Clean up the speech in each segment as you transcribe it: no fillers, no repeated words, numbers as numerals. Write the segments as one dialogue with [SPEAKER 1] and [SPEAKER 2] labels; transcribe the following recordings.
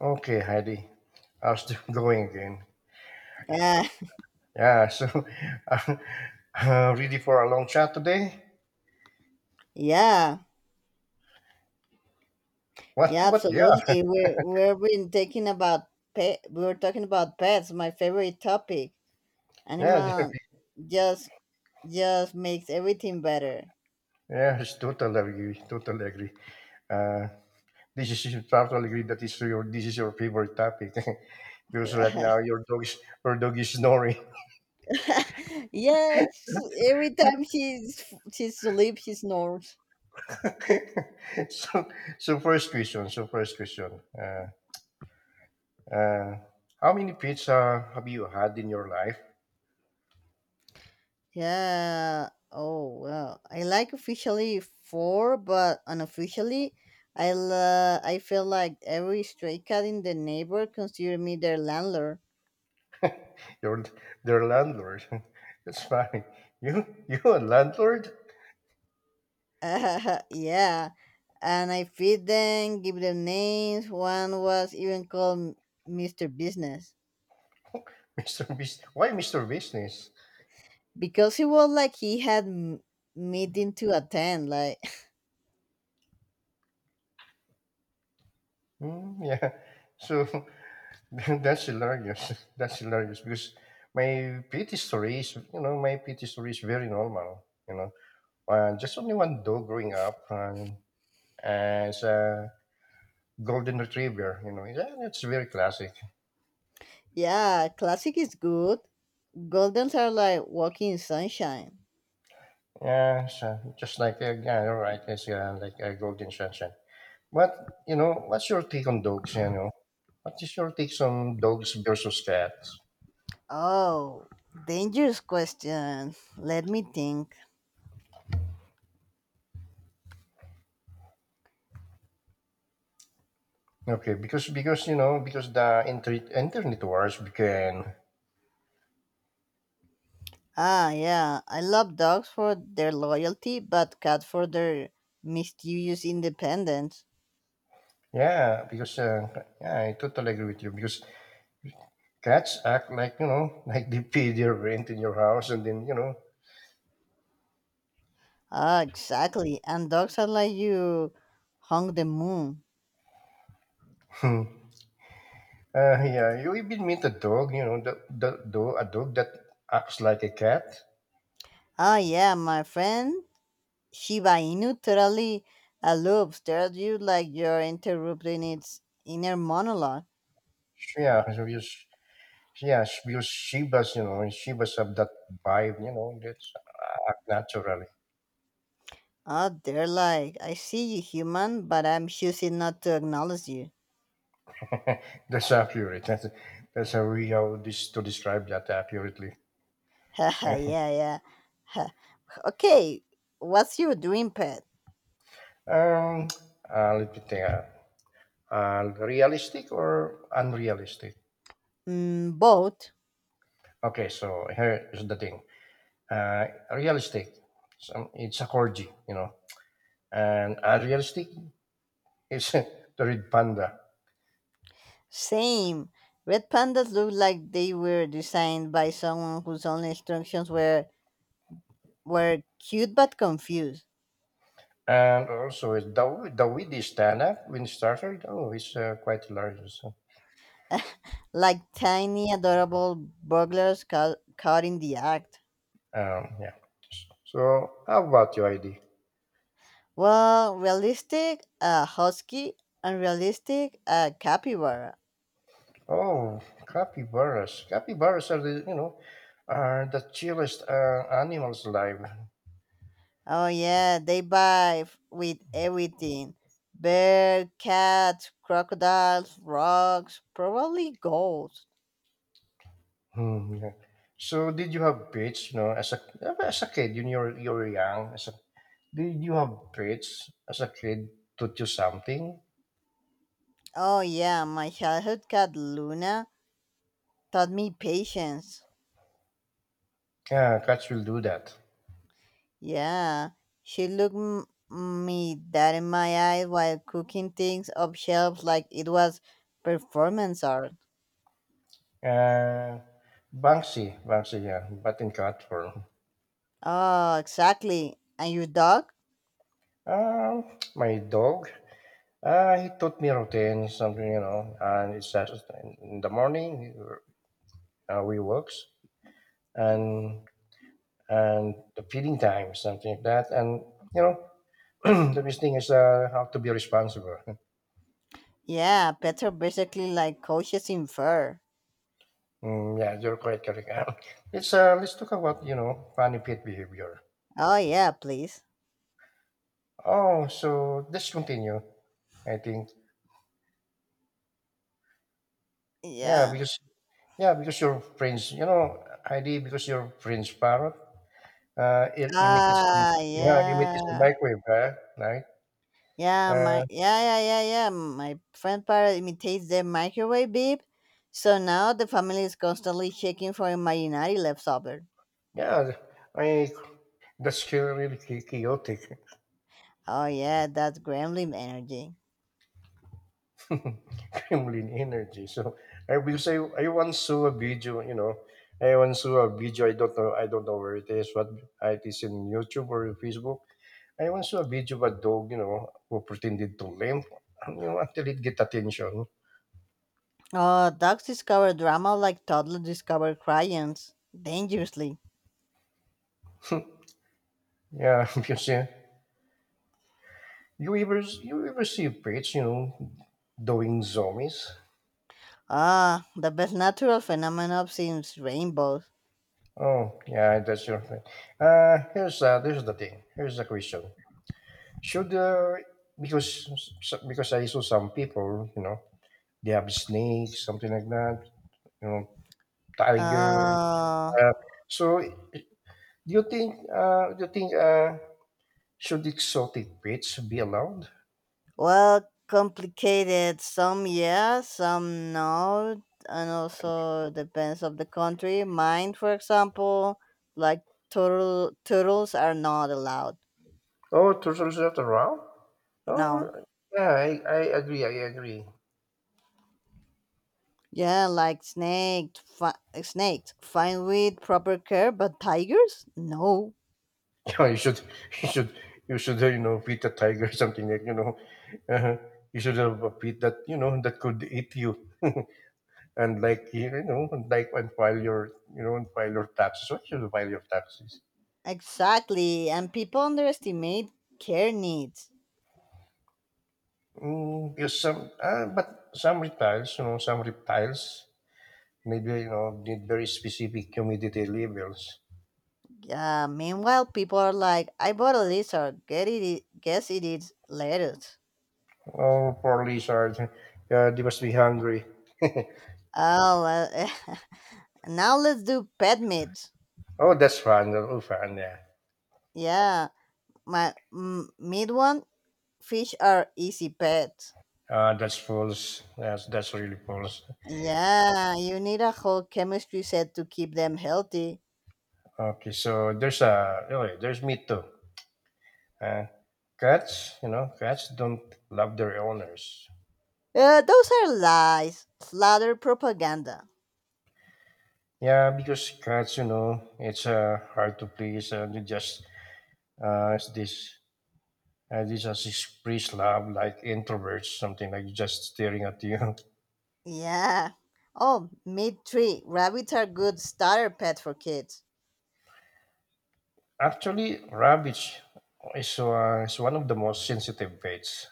[SPEAKER 1] Okay, Heidi. How's still going again?
[SPEAKER 2] Yeah,
[SPEAKER 1] Yeah, so uh, ready for a long chat today?
[SPEAKER 2] yeah,
[SPEAKER 1] What?
[SPEAKER 2] yeah,
[SPEAKER 1] What? Yeah,
[SPEAKER 2] absolutely. We're been talking about pet. We were talking about pets, my favorite topic.
[SPEAKER 1] yeah,
[SPEAKER 2] Animal just just makes everything better.
[SPEAKER 1] yeah. It's totally agree. Totally agree. Uh, this is you totally agree that is your this is your favorite topic because right now your dog is snoring.
[SPEAKER 2] Yeah, every time she sleeps, she snores.
[SPEAKER 1] so, So first question. Uh, how many pets have you had in your life?
[SPEAKER 2] Yeah. Oh well, I like officially four, but unofficially, I feel like every stray cat in the neighbor consider me their landlord.
[SPEAKER 1] Your, their landlord. That's funny. You a landlord?
[SPEAKER 2] Yeah. And I feed them, give them names. One was even called Mister Business
[SPEAKER 1] Mr. Why Mr. Business?
[SPEAKER 2] because he was like he had meeting to attend. Like,
[SPEAKER 1] Hmm, yeah. So that's hilarious. That's hilarious because my pet story is very normal. You know, just only one dog growing up as a golden retriever. You know, yeah, that's very classic.
[SPEAKER 2] yeah, classic is good. Goldens are like walking in sunshine.
[SPEAKER 1] Yeah, so just like yeah, all right, it's like a golden sunshine. What's your take on dogs? You know, what is your take on dogs versus cats?
[SPEAKER 2] Oh, dangerous question. Let me think.
[SPEAKER 1] Okay, because you know because the internet wars began.
[SPEAKER 2] Ah, yeah, I love dogs for their loyalty, but cats for their mischievous independence.
[SPEAKER 1] Yeah, because yeah, I totally agree with you because cats act like, you know, like they pay their rent in your house, and then you know.
[SPEAKER 2] Ah, exactly. And dogs are like you hung the moon.
[SPEAKER 1] Yeah, you even meet a dog you know the dog that acts like a cat.
[SPEAKER 2] Oh yeah, my friend Shiba Inu totally loops. They're you like you're interrupting its inner monologue.
[SPEAKER 1] Yeah, so yes. Yeah, because she was, you know, she was of that vibe, you know, that's act naturally.
[SPEAKER 2] Oh, they're like, I see you human, but I'm choosing not to acknowledge you.
[SPEAKER 1] That's accurate. That's a to describe that accurately.
[SPEAKER 2] Haha, yeah, yeah. Ha. Okay, what's your dream pet?
[SPEAKER 1] Um, Let me think. Realistic or unrealistic?
[SPEAKER 2] Mm, both.
[SPEAKER 1] Okay, so here is the thing. Uh, Realistic, some, it's a corgi, you know, and unrealistic is the red panda.
[SPEAKER 2] Same. Red pandas look like they were designed by someone whose only instructions were cute but confused.
[SPEAKER 1] And also, the way they stand up when started, oh, it's quite large. So
[SPEAKER 2] Like tiny, adorable burglars caught in the act.
[SPEAKER 1] Yeah. So, how about you, ID?
[SPEAKER 2] Well, realistic, husky, unrealistic, capybara.
[SPEAKER 1] Oh, capybaras. Capybaras are the you know are the chillest animals alive.
[SPEAKER 2] Oh yeah, they vibe with everything: bear, cats, crocodiles, rocks, probably ghosts.
[SPEAKER 1] Hmm, yeah. So, did you have pets? You know, as a kid, you're you're young. Did you have pets as a kid? Taught you something?
[SPEAKER 2] Oh yeah, my childhood cat Luna taught me patience.
[SPEAKER 1] Yeah, cats will do that.
[SPEAKER 2] Yeah, she looked me dead in my eye while cooking things up shelves like it was performance art.
[SPEAKER 1] Uh, Banksy, yeah, but in cat form.
[SPEAKER 2] Oh, exactly. And your dog?
[SPEAKER 1] My dog. He taught me routine, something, you know, and it's that in the morning we works and the feeding time, something like that. And, you know, the best thing is how to be responsible.
[SPEAKER 2] Yeah, pets are basically like coaches in fur.
[SPEAKER 1] Mm, yeah, you're quite correct. Let's talk about, you know, funny pet behavior.
[SPEAKER 2] Oh yeah, please.
[SPEAKER 1] Oh, so let's continue, I think. Yeah,
[SPEAKER 2] Yeah.
[SPEAKER 1] yeah, because your friends, you know, Heidi, because your friend's parrot uh, it imitates,
[SPEAKER 2] Ah,
[SPEAKER 1] yeah, imitates the
[SPEAKER 2] yeah.
[SPEAKER 1] microwave, huh? Right?
[SPEAKER 2] Yeah,
[SPEAKER 1] Uh,
[SPEAKER 2] my yeah, yeah, yeah, yeah. My friend parrot imitates the microwave beep, so now the family is constantly shaking for imaginary leftover.
[SPEAKER 1] yeah, I that's still really chaotic.
[SPEAKER 2] Oh yeah, that's gremlin energy.
[SPEAKER 1] Kremlin energy. So I will say I once saw a video. I don't know. I don't know where it is. What it is in YouTube or Facebook. I once saw a video of a dog, you know, who pretended to limp, you know, until it get attention.
[SPEAKER 2] Dogs discover drama like toddlers discover crayons, dangerously.
[SPEAKER 1] Yeah, because you ever see pets, you know, doing zombies.
[SPEAKER 2] Ah, the best natural phenomenon seems rainbows.
[SPEAKER 1] Oh yeah, that's your thing. Here's there's the thing. Here's the question. Should because because I saw some people, you know, they have snakes, something like that, you know, tiger.
[SPEAKER 2] Uh,
[SPEAKER 1] Uh, so, do you think should exotic pets be allowed?
[SPEAKER 2] well, complicated. Some yes, some no, and also depends of the country. Mine, for example, like turtles are not allowed.
[SPEAKER 1] Oh, turtles not around?
[SPEAKER 2] No.
[SPEAKER 1] Oh, yeah, I agree. I agree.
[SPEAKER 2] Yeah, like snakes. Fine with proper care, but tigers? No.
[SPEAKER 1] you should you should you know, feed a tiger or something, like, you know. uh, you should have a pet that, you know, that could eat you, and, like, you know, and, like, and file your taxes. Why should you file your taxes?
[SPEAKER 2] Exactly, and people underestimate care needs.
[SPEAKER 1] Mm, because some but some reptiles, you know, some reptiles maybe, you know, need very specific humidity levels.
[SPEAKER 2] Meanwhile, people are like, "I bought a lizard. Get it? Guess it is lettuce."
[SPEAKER 1] Oh, poor lizard. Yeah, they must be hungry.
[SPEAKER 2] Oh, well, now let's do pet meat.
[SPEAKER 1] Oh, that's fun. Oh, fun, yeah.
[SPEAKER 2] Yeah, my meat one. Fish are easy pets.
[SPEAKER 1] That's false. That's really false.
[SPEAKER 2] Yeah, you need a whole chemistry set to keep them healthy.
[SPEAKER 1] Okay, so there's there's me too. Uh, Cats, you know, cats don't love their owners.
[SPEAKER 2] Those are lies, slather propaganda.
[SPEAKER 1] Yeah, because cats, you know, it's hard to please, and it just it's this this as express love, like introverts, something like just staring at you.
[SPEAKER 2] Yeah. Oh, meat tree. Rabbits are good starter pet for kids.
[SPEAKER 1] Actually, rabbits is one of the most sensitive pets.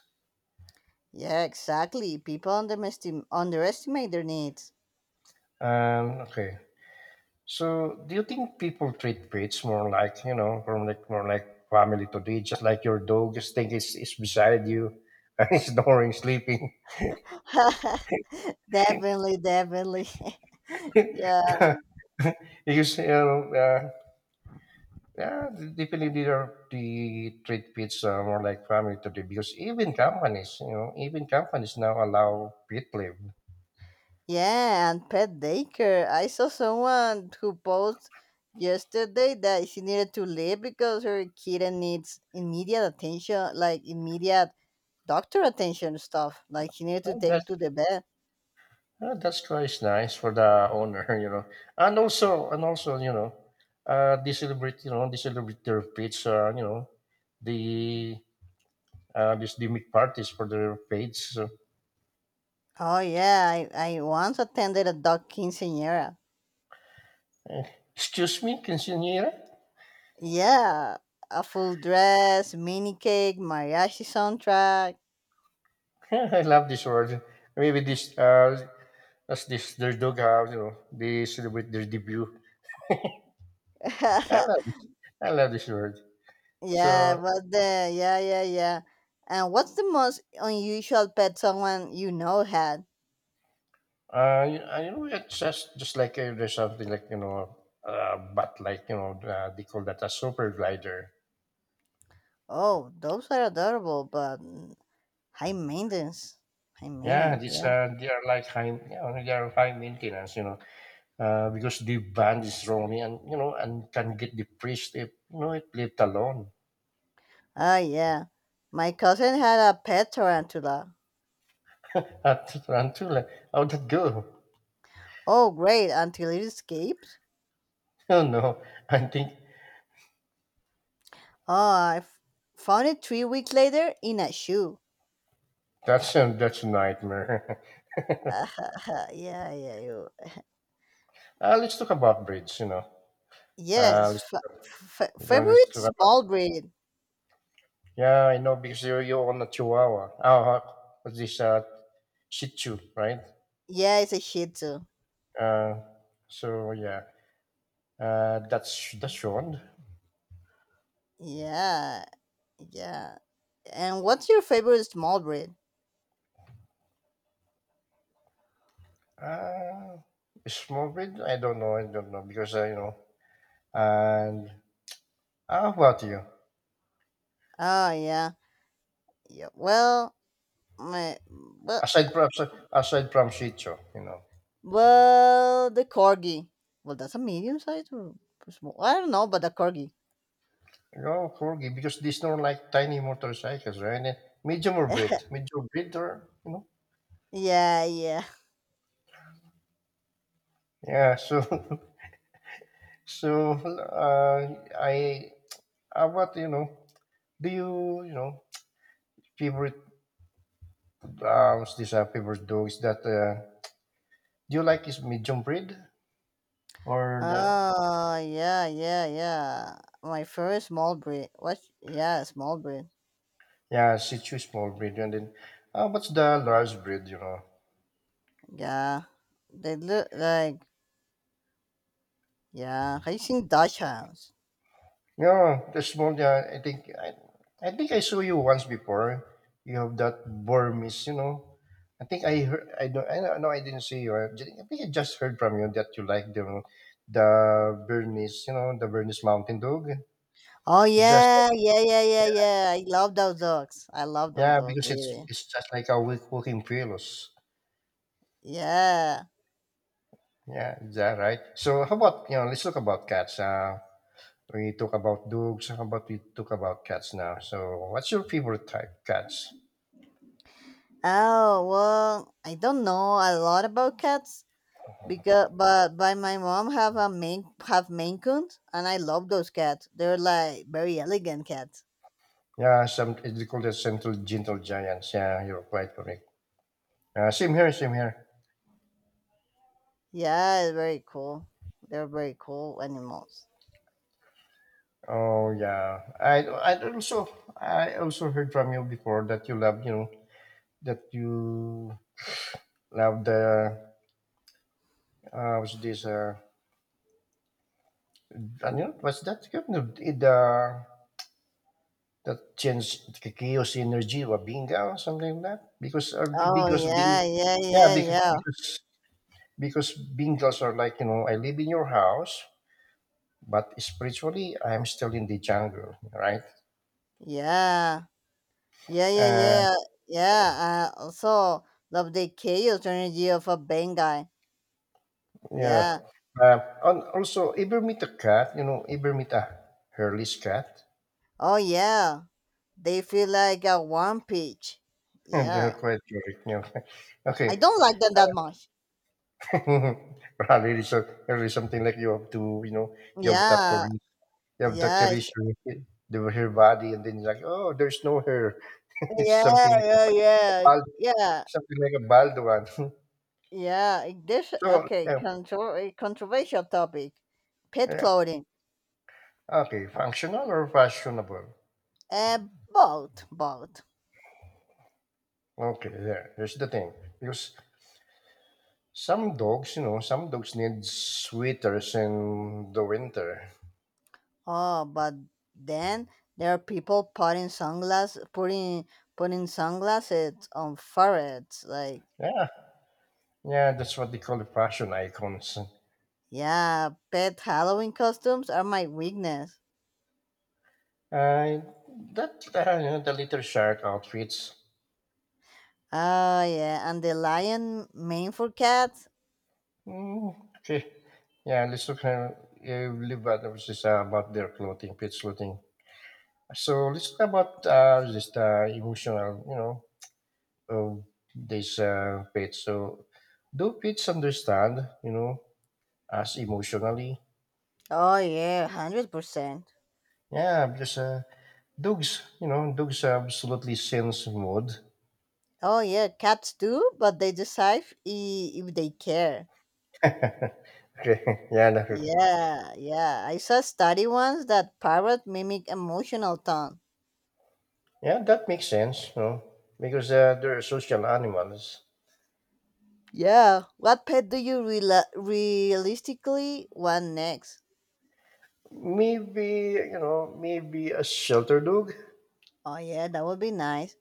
[SPEAKER 2] Yeah, exactly. People underestimate their needs.
[SPEAKER 1] Okay, so do you think people treat pets more like, you know, more like family today, just like your dog, just think it's beside you and it's snoring, sleeping.
[SPEAKER 2] Definitely, definitely. Yeah.
[SPEAKER 1] Because you know, yeah, definitely they treat pets more like family today, because even companies, you know, even companies now allow pet leave.
[SPEAKER 2] Yeah, and pet daycare. I saw someone who posted yesterday that she needed to leave because her kitten needs immediate attention, like immediate doctor attention stuff. Like she needed to
[SPEAKER 1] Well,
[SPEAKER 2] take to the vet.
[SPEAKER 1] that's quite nice for the owner, you know, and also you know, they celebrate, you know, they celebrate their pets, you know, the this they make parties for their pets. So,
[SPEAKER 2] Oh yeah, I once attended a dog quinceañera.
[SPEAKER 1] excuse me, quinceanera.
[SPEAKER 2] Yeah, a full dress, mini cake, mariachi soundtrack.
[SPEAKER 1] I love this word. Maybe this as this their dog have, you know, they celebrate their debut. I love this. I love this word.
[SPEAKER 2] yeah,
[SPEAKER 1] So,
[SPEAKER 2] but the yeah, yeah, yeah. And what's the most unusual pet someone you know had?
[SPEAKER 1] know, it's just like there's something like, you know, but, like, you know, they call that a super glider.
[SPEAKER 2] Oh, those are adorable, but high maintenance. High
[SPEAKER 1] Yeah,
[SPEAKER 2] maintenance,
[SPEAKER 1] these
[SPEAKER 2] yeah.
[SPEAKER 1] they are like high, you know, they are high maintenance, you know, because the band is strongly, and you know, and can get depressed if you know it left alone.
[SPEAKER 2] Ah yeah, my cousin had a pet tarantula.
[SPEAKER 1] At until, like, how'd that go?
[SPEAKER 2] Oh great, until it escaped.
[SPEAKER 1] Oh no, I think
[SPEAKER 2] Oh, found it 3 weeks later in a shoe.
[SPEAKER 1] that's a nightmare.
[SPEAKER 2] yeah, yeah, you.
[SPEAKER 1] Let's talk about bridge, you know. Uh,
[SPEAKER 2] Yes,
[SPEAKER 1] let's talk, you know, let's
[SPEAKER 2] favorite
[SPEAKER 1] talk.
[SPEAKER 2] small breed.
[SPEAKER 1] Yeah, I know because you own a Chihuahua. Oh, what's this Shih Tzu, right?
[SPEAKER 2] Yeah, it's a Shih Tzu.
[SPEAKER 1] Uh, so yeah, that's one.
[SPEAKER 2] Yeah, yeah. And what's your favorite small breed?
[SPEAKER 1] Uh, Small breed? I don't know. I don't know because, you know. And what you?
[SPEAKER 2] Oh, yeah. Yeah. My well,
[SPEAKER 1] Aside from Aside from Shih Tzu, you know.
[SPEAKER 2] well, the corgi. Well, that's a medium size or small. I don't know, but the corgi.
[SPEAKER 1] No corgi, because these are like tiny motorcycles, right? Eh, medium or breed, medium breed, or you know.
[SPEAKER 2] yeah, yeah.
[SPEAKER 1] Yeah, so so I how about you know, do you, you know, favorite, favorite dog? Is that, do you like, is medium breed or
[SPEAKER 2] Ah, yeah, yeah, yeah. My first small breed. What? Yeah, small breed.
[SPEAKER 1] yeah, Shih Tzu small breed? And then, what's the large breed, you know?
[SPEAKER 2] Yeah, they look like yeah. Have you seen Dutch hounds?
[SPEAKER 1] Yeah, the small, yeah, I think I saw you once before. You have that Burmese, you know. I think I heard, I don't know, I didn't see you. I I think I just heard from you that you like the Bernese, you know, the Bernese Mountain Dog.
[SPEAKER 2] Oh
[SPEAKER 1] It's just,
[SPEAKER 2] yeah, yeah, yeah, yeah, yeah. I love those dogs. I love those
[SPEAKER 1] yeah,
[SPEAKER 2] dogs.
[SPEAKER 1] because it's
[SPEAKER 2] Really.
[SPEAKER 1] just like a weak walking pillows.
[SPEAKER 2] Yeah.
[SPEAKER 1] Yeah, is that right? So how about you know? Let's talk about cats. We talk about dogs. How about we talk about cats now? So what's your favorite type cats?
[SPEAKER 2] Oh well, I don't know a lot about cats because but my mom have Maine Coons and I love those cats. They're like very elegant cats.
[SPEAKER 1] Yeah, some they call that central gentle giants. Yeah, you're quite correct. Same here.
[SPEAKER 2] Yeah, very cool. They're very cool animals.
[SPEAKER 1] Oh yeah, I also heard from you before that you love, you know, that you love the what's this and you know, what's that? You know, the That change chaos energy, or binga, or something like that, because or
[SPEAKER 2] Oh
[SPEAKER 1] because being,
[SPEAKER 2] yeah, yeah,
[SPEAKER 1] yeah,
[SPEAKER 2] yeah, yeah,
[SPEAKER 1] because bingas are like, you know, I live in your house, but spiritually I am still in the jungle, right?
[SPEAKER 2] yeah, yeah, yeah,
[SPEAKER 1] uh,
[SPEAKER 2] yeah, yeah. I also love the chaos energy of a Bengal.
[SPEAKER 1] yeah
[SPEAKER 2] Yeah.
[SPEAKER 1] and also, ever meet a cat, you know, ever meet a hairless cat?
[SPEAKER 2] Oh yeah, they feel like a one peach.
[SPEAKER 1] They're
[SPEAKER 2] Yeah,
[SPEAKER 1] quite cute, you know.
[SPEAKER 2] I
[SPEAKER 1] Okay.
[SPEAKER 2] don't like them that much.
[SPEAKER 1] Probably probably something like you have to, you know, you have to
[SPEAKER 2] Yeah,
[SPEAKER 1] correct. You have Dr.
[SPEAKER 2] yes,
[SPEAKER 1] Issue with it, the her body, and then you're like, oh, there's no hair. It's
[SPEAKER 2] yeah,
[SPEAKER 1] something like
[SPEAKER 2] yeah, yeah,
[SPEAKER 1] bald,
[SPEAKER 2] yeah,
[SPEAKER 1] something like a bald one.
[SPEAKER 2] yeah. This
[SPEAKER 1] So
[SPEAKER 2] okay,
[SPEAKER 1] yeah,
[SPEAKER 2] contro- a controversial topic, pet
[SPEAKER 1] yeah,
[SPEAKER 2] clothing.
[SPEAKER 1] okay, functional or fashionable.
[SPEAKER 2] Both, both.
[SPEAKER 1] Okay, yeah, here's the thing. Because some dogs, you know, some dogs need sweaters in the winter.
[SPEAKER 2] Oh, but then there are people putting sunglasses on ferrets. Like,
[SPEAKER 1] Yeah, yeah, that's what they call the fashion icons.
[SPEAKER 2] yeah, pet Halloween costumes are my weakness.
[SPEAKER 1] Uh, that you know, the little shark outfits.
[SPEAKER 2] Oh yeah, and the lion mane for cats.
[SPEAKER 1] Mm, okay. Yeah, let's talk now. Live at which is about their clothing, pet clothing. So let's talk about just emotional, you know, of this pet. So do pets understand, you know, us emotionally?
[SPEAKER 2] Oh yeah, 100%.
[SPEAKER 1] Yeah, because dogs, you know, dogs absolutely sense mood.
[SPEAKER 2] Oh yeah, cats do, but they decide if they care.
[SPEAKER 1] Okay. Yeah,
[SPEAKER 2] Yeah, yeah. I saw a study once that parrot mimic emotional tone.
[SPEAKER 1] yeah, that makes sense, you know, because they're social animals.
[SPEAKER 2] Yeah. What pet do you reala realistically want next?
[SPEAKER 1] Maybe, you know, maybe a shelter dog.
[SPEAKER 2] Oh, yeah, that would be nice.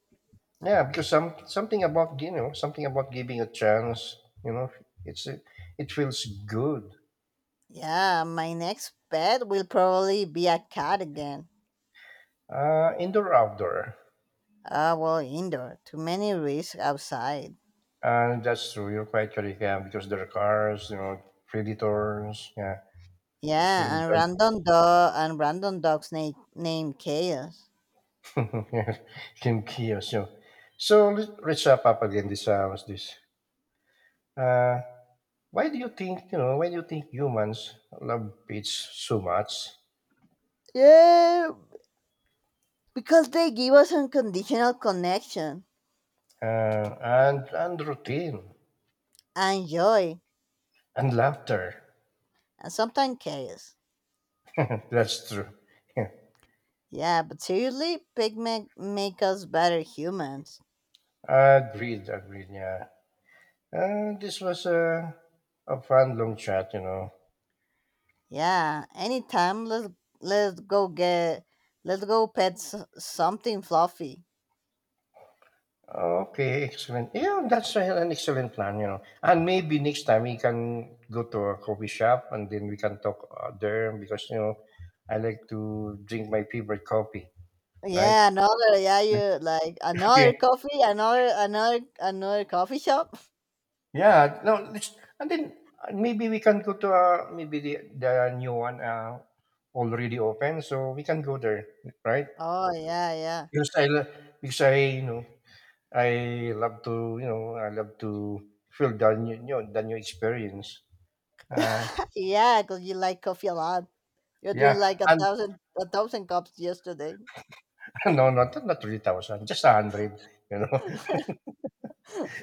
[SPEAKER 1] Yeah, because some something about giving a chance. You know, it's it feels good.
[SPEAKER 2] Yeah, my next pet will probably be a cat again.
[SPEAKER 1] Indoor outdoor,
[SPEAKER 2] Ah, well, indoor. Too many risks outside.
[SPEAKER 1] and that's true. You're quite correct. Yeah, because there are cars, you know, predators. Yeah, it's really
[SPEAKER 2] Yeah, and random dogs named Chaos.
[SPEAKER 1] that. Yeah, can kill us. You know. So let's wrap up again this what's this. Uh, why do you think, you know, why do you think humans love pets so much?
[SPEAKER 2] Yeah, because they give us unconditional connection
[SPEAKER 1] And routine,
[SPEAKER 2] and joy,
[SPEAKER 1] and laughter.
[SPEAKER 2] and sometimes chaos.
[SPEAKER 1] That's true.
[SPEAKER 2] Yeah, but seriously, pig make us better humans.
[SPEAKER 1] Agreed, agreed, yeah. And this was a fun long chat, you know.
[SPEAKER 2] Yeah, anytime. Let's go get let's go pet something fluffy.
[SPEAKER 1] Okay, excellent. Yeah, that's an excellent plan, you know. And maybe next time we can go to a coffee shop, and then we can talk there, because, you know, I like to drink my favorite coffee, right?
[SPEAKER 2] Yeah, another yeah, you like another
[SPEAKER 1] Okay.
[SPEAKER 2] coffee, another coffee shop.
[SPEAKER 1] Yeah, no, let's, and then maybe we can go to the new one already open, so we can go there, right?
[SPEAKER 2] Oh yeah, yeah,
[SPEAKER 1] Because I, lo- because I, you know, I love to feel the new, you know, the new experience. Uh,
[SPEAKER 2] yeah. Cause you like coffee a lot. You're doing
[SPEAKER 1] yeah,
[SPEAKER 2] like a
[SPEAKER 1] and
[SPEAKER 2] thousand cups yesterday.
[SPEAKER 1] no, not 3,000, just a hundred, you know.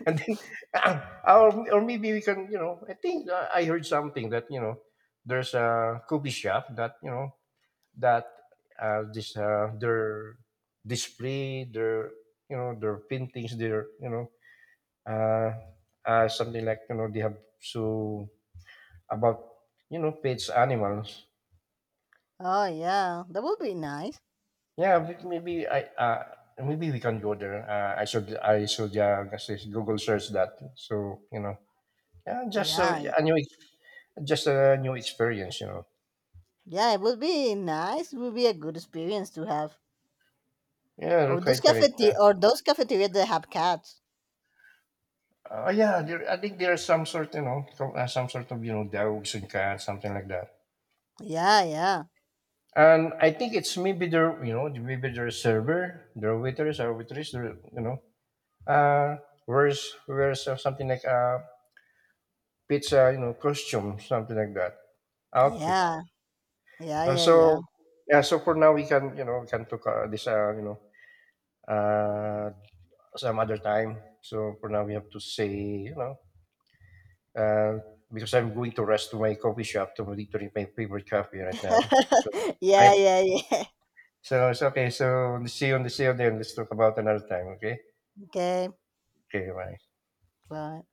[SPEAKER 1] And then, or maybe we can, you know, I think I heard something that you know, there's a coffee shop that you know that this their display, their, you know, their paintings, their, you know, uh, something like, you know, they have so about, you know, pets animals.
[SPEAKER 2] Oh yeah, that would be nice.
[SPEAKER 1] Yeah, but maybe I maybe we can go there. I should, yeah, just google search that, so you know. Yeah, just
[SPEAKER 2] Yeah,
[SPEAKER 1] a new just a new experience, you know.
[SPEAKER 2] yeah, it would be nice. It would be a good experience to have.
[SPEAKER 1] Yeah, you're
[SPEAKER 2] Or
[SPEAKER 1] quite correct, yeah.
[SPEAKER 2] those cafeterias that have cats.
[SPEAKER 1] Yeah, there, I think there are some sort, you know, some sort of, you know, dogs and cats, something like that.
[SPEAKER 2] Yeah, yeah,
[SPEAKER 1] And I think it's maybe their, you know, maybe their server, their waiters or waitress, their, you know, uh where's where's something like pizza, you know, costume, something like that, outfit.
[SPEAKER 2] yeah. Yeah, yeah, yeah.
[SPEAKER 1] So yeah, so for now we can, you know, we can talk you know, uh, some other time. So for now we have to say, you know, uh, because I'm going to rest to my coffee shop to drink my favorite coffee right now. So right,
[SPEAKER 2] Yeah, yeah, yeah.
[SPEAKER 1] so it's okay. So see you, on the see you then. Let's talk about another time. Okay.
[SPEAKER 2] Okay,
[SPEAKER 1] Okay. Bye.
[SPEAKER 2] bye.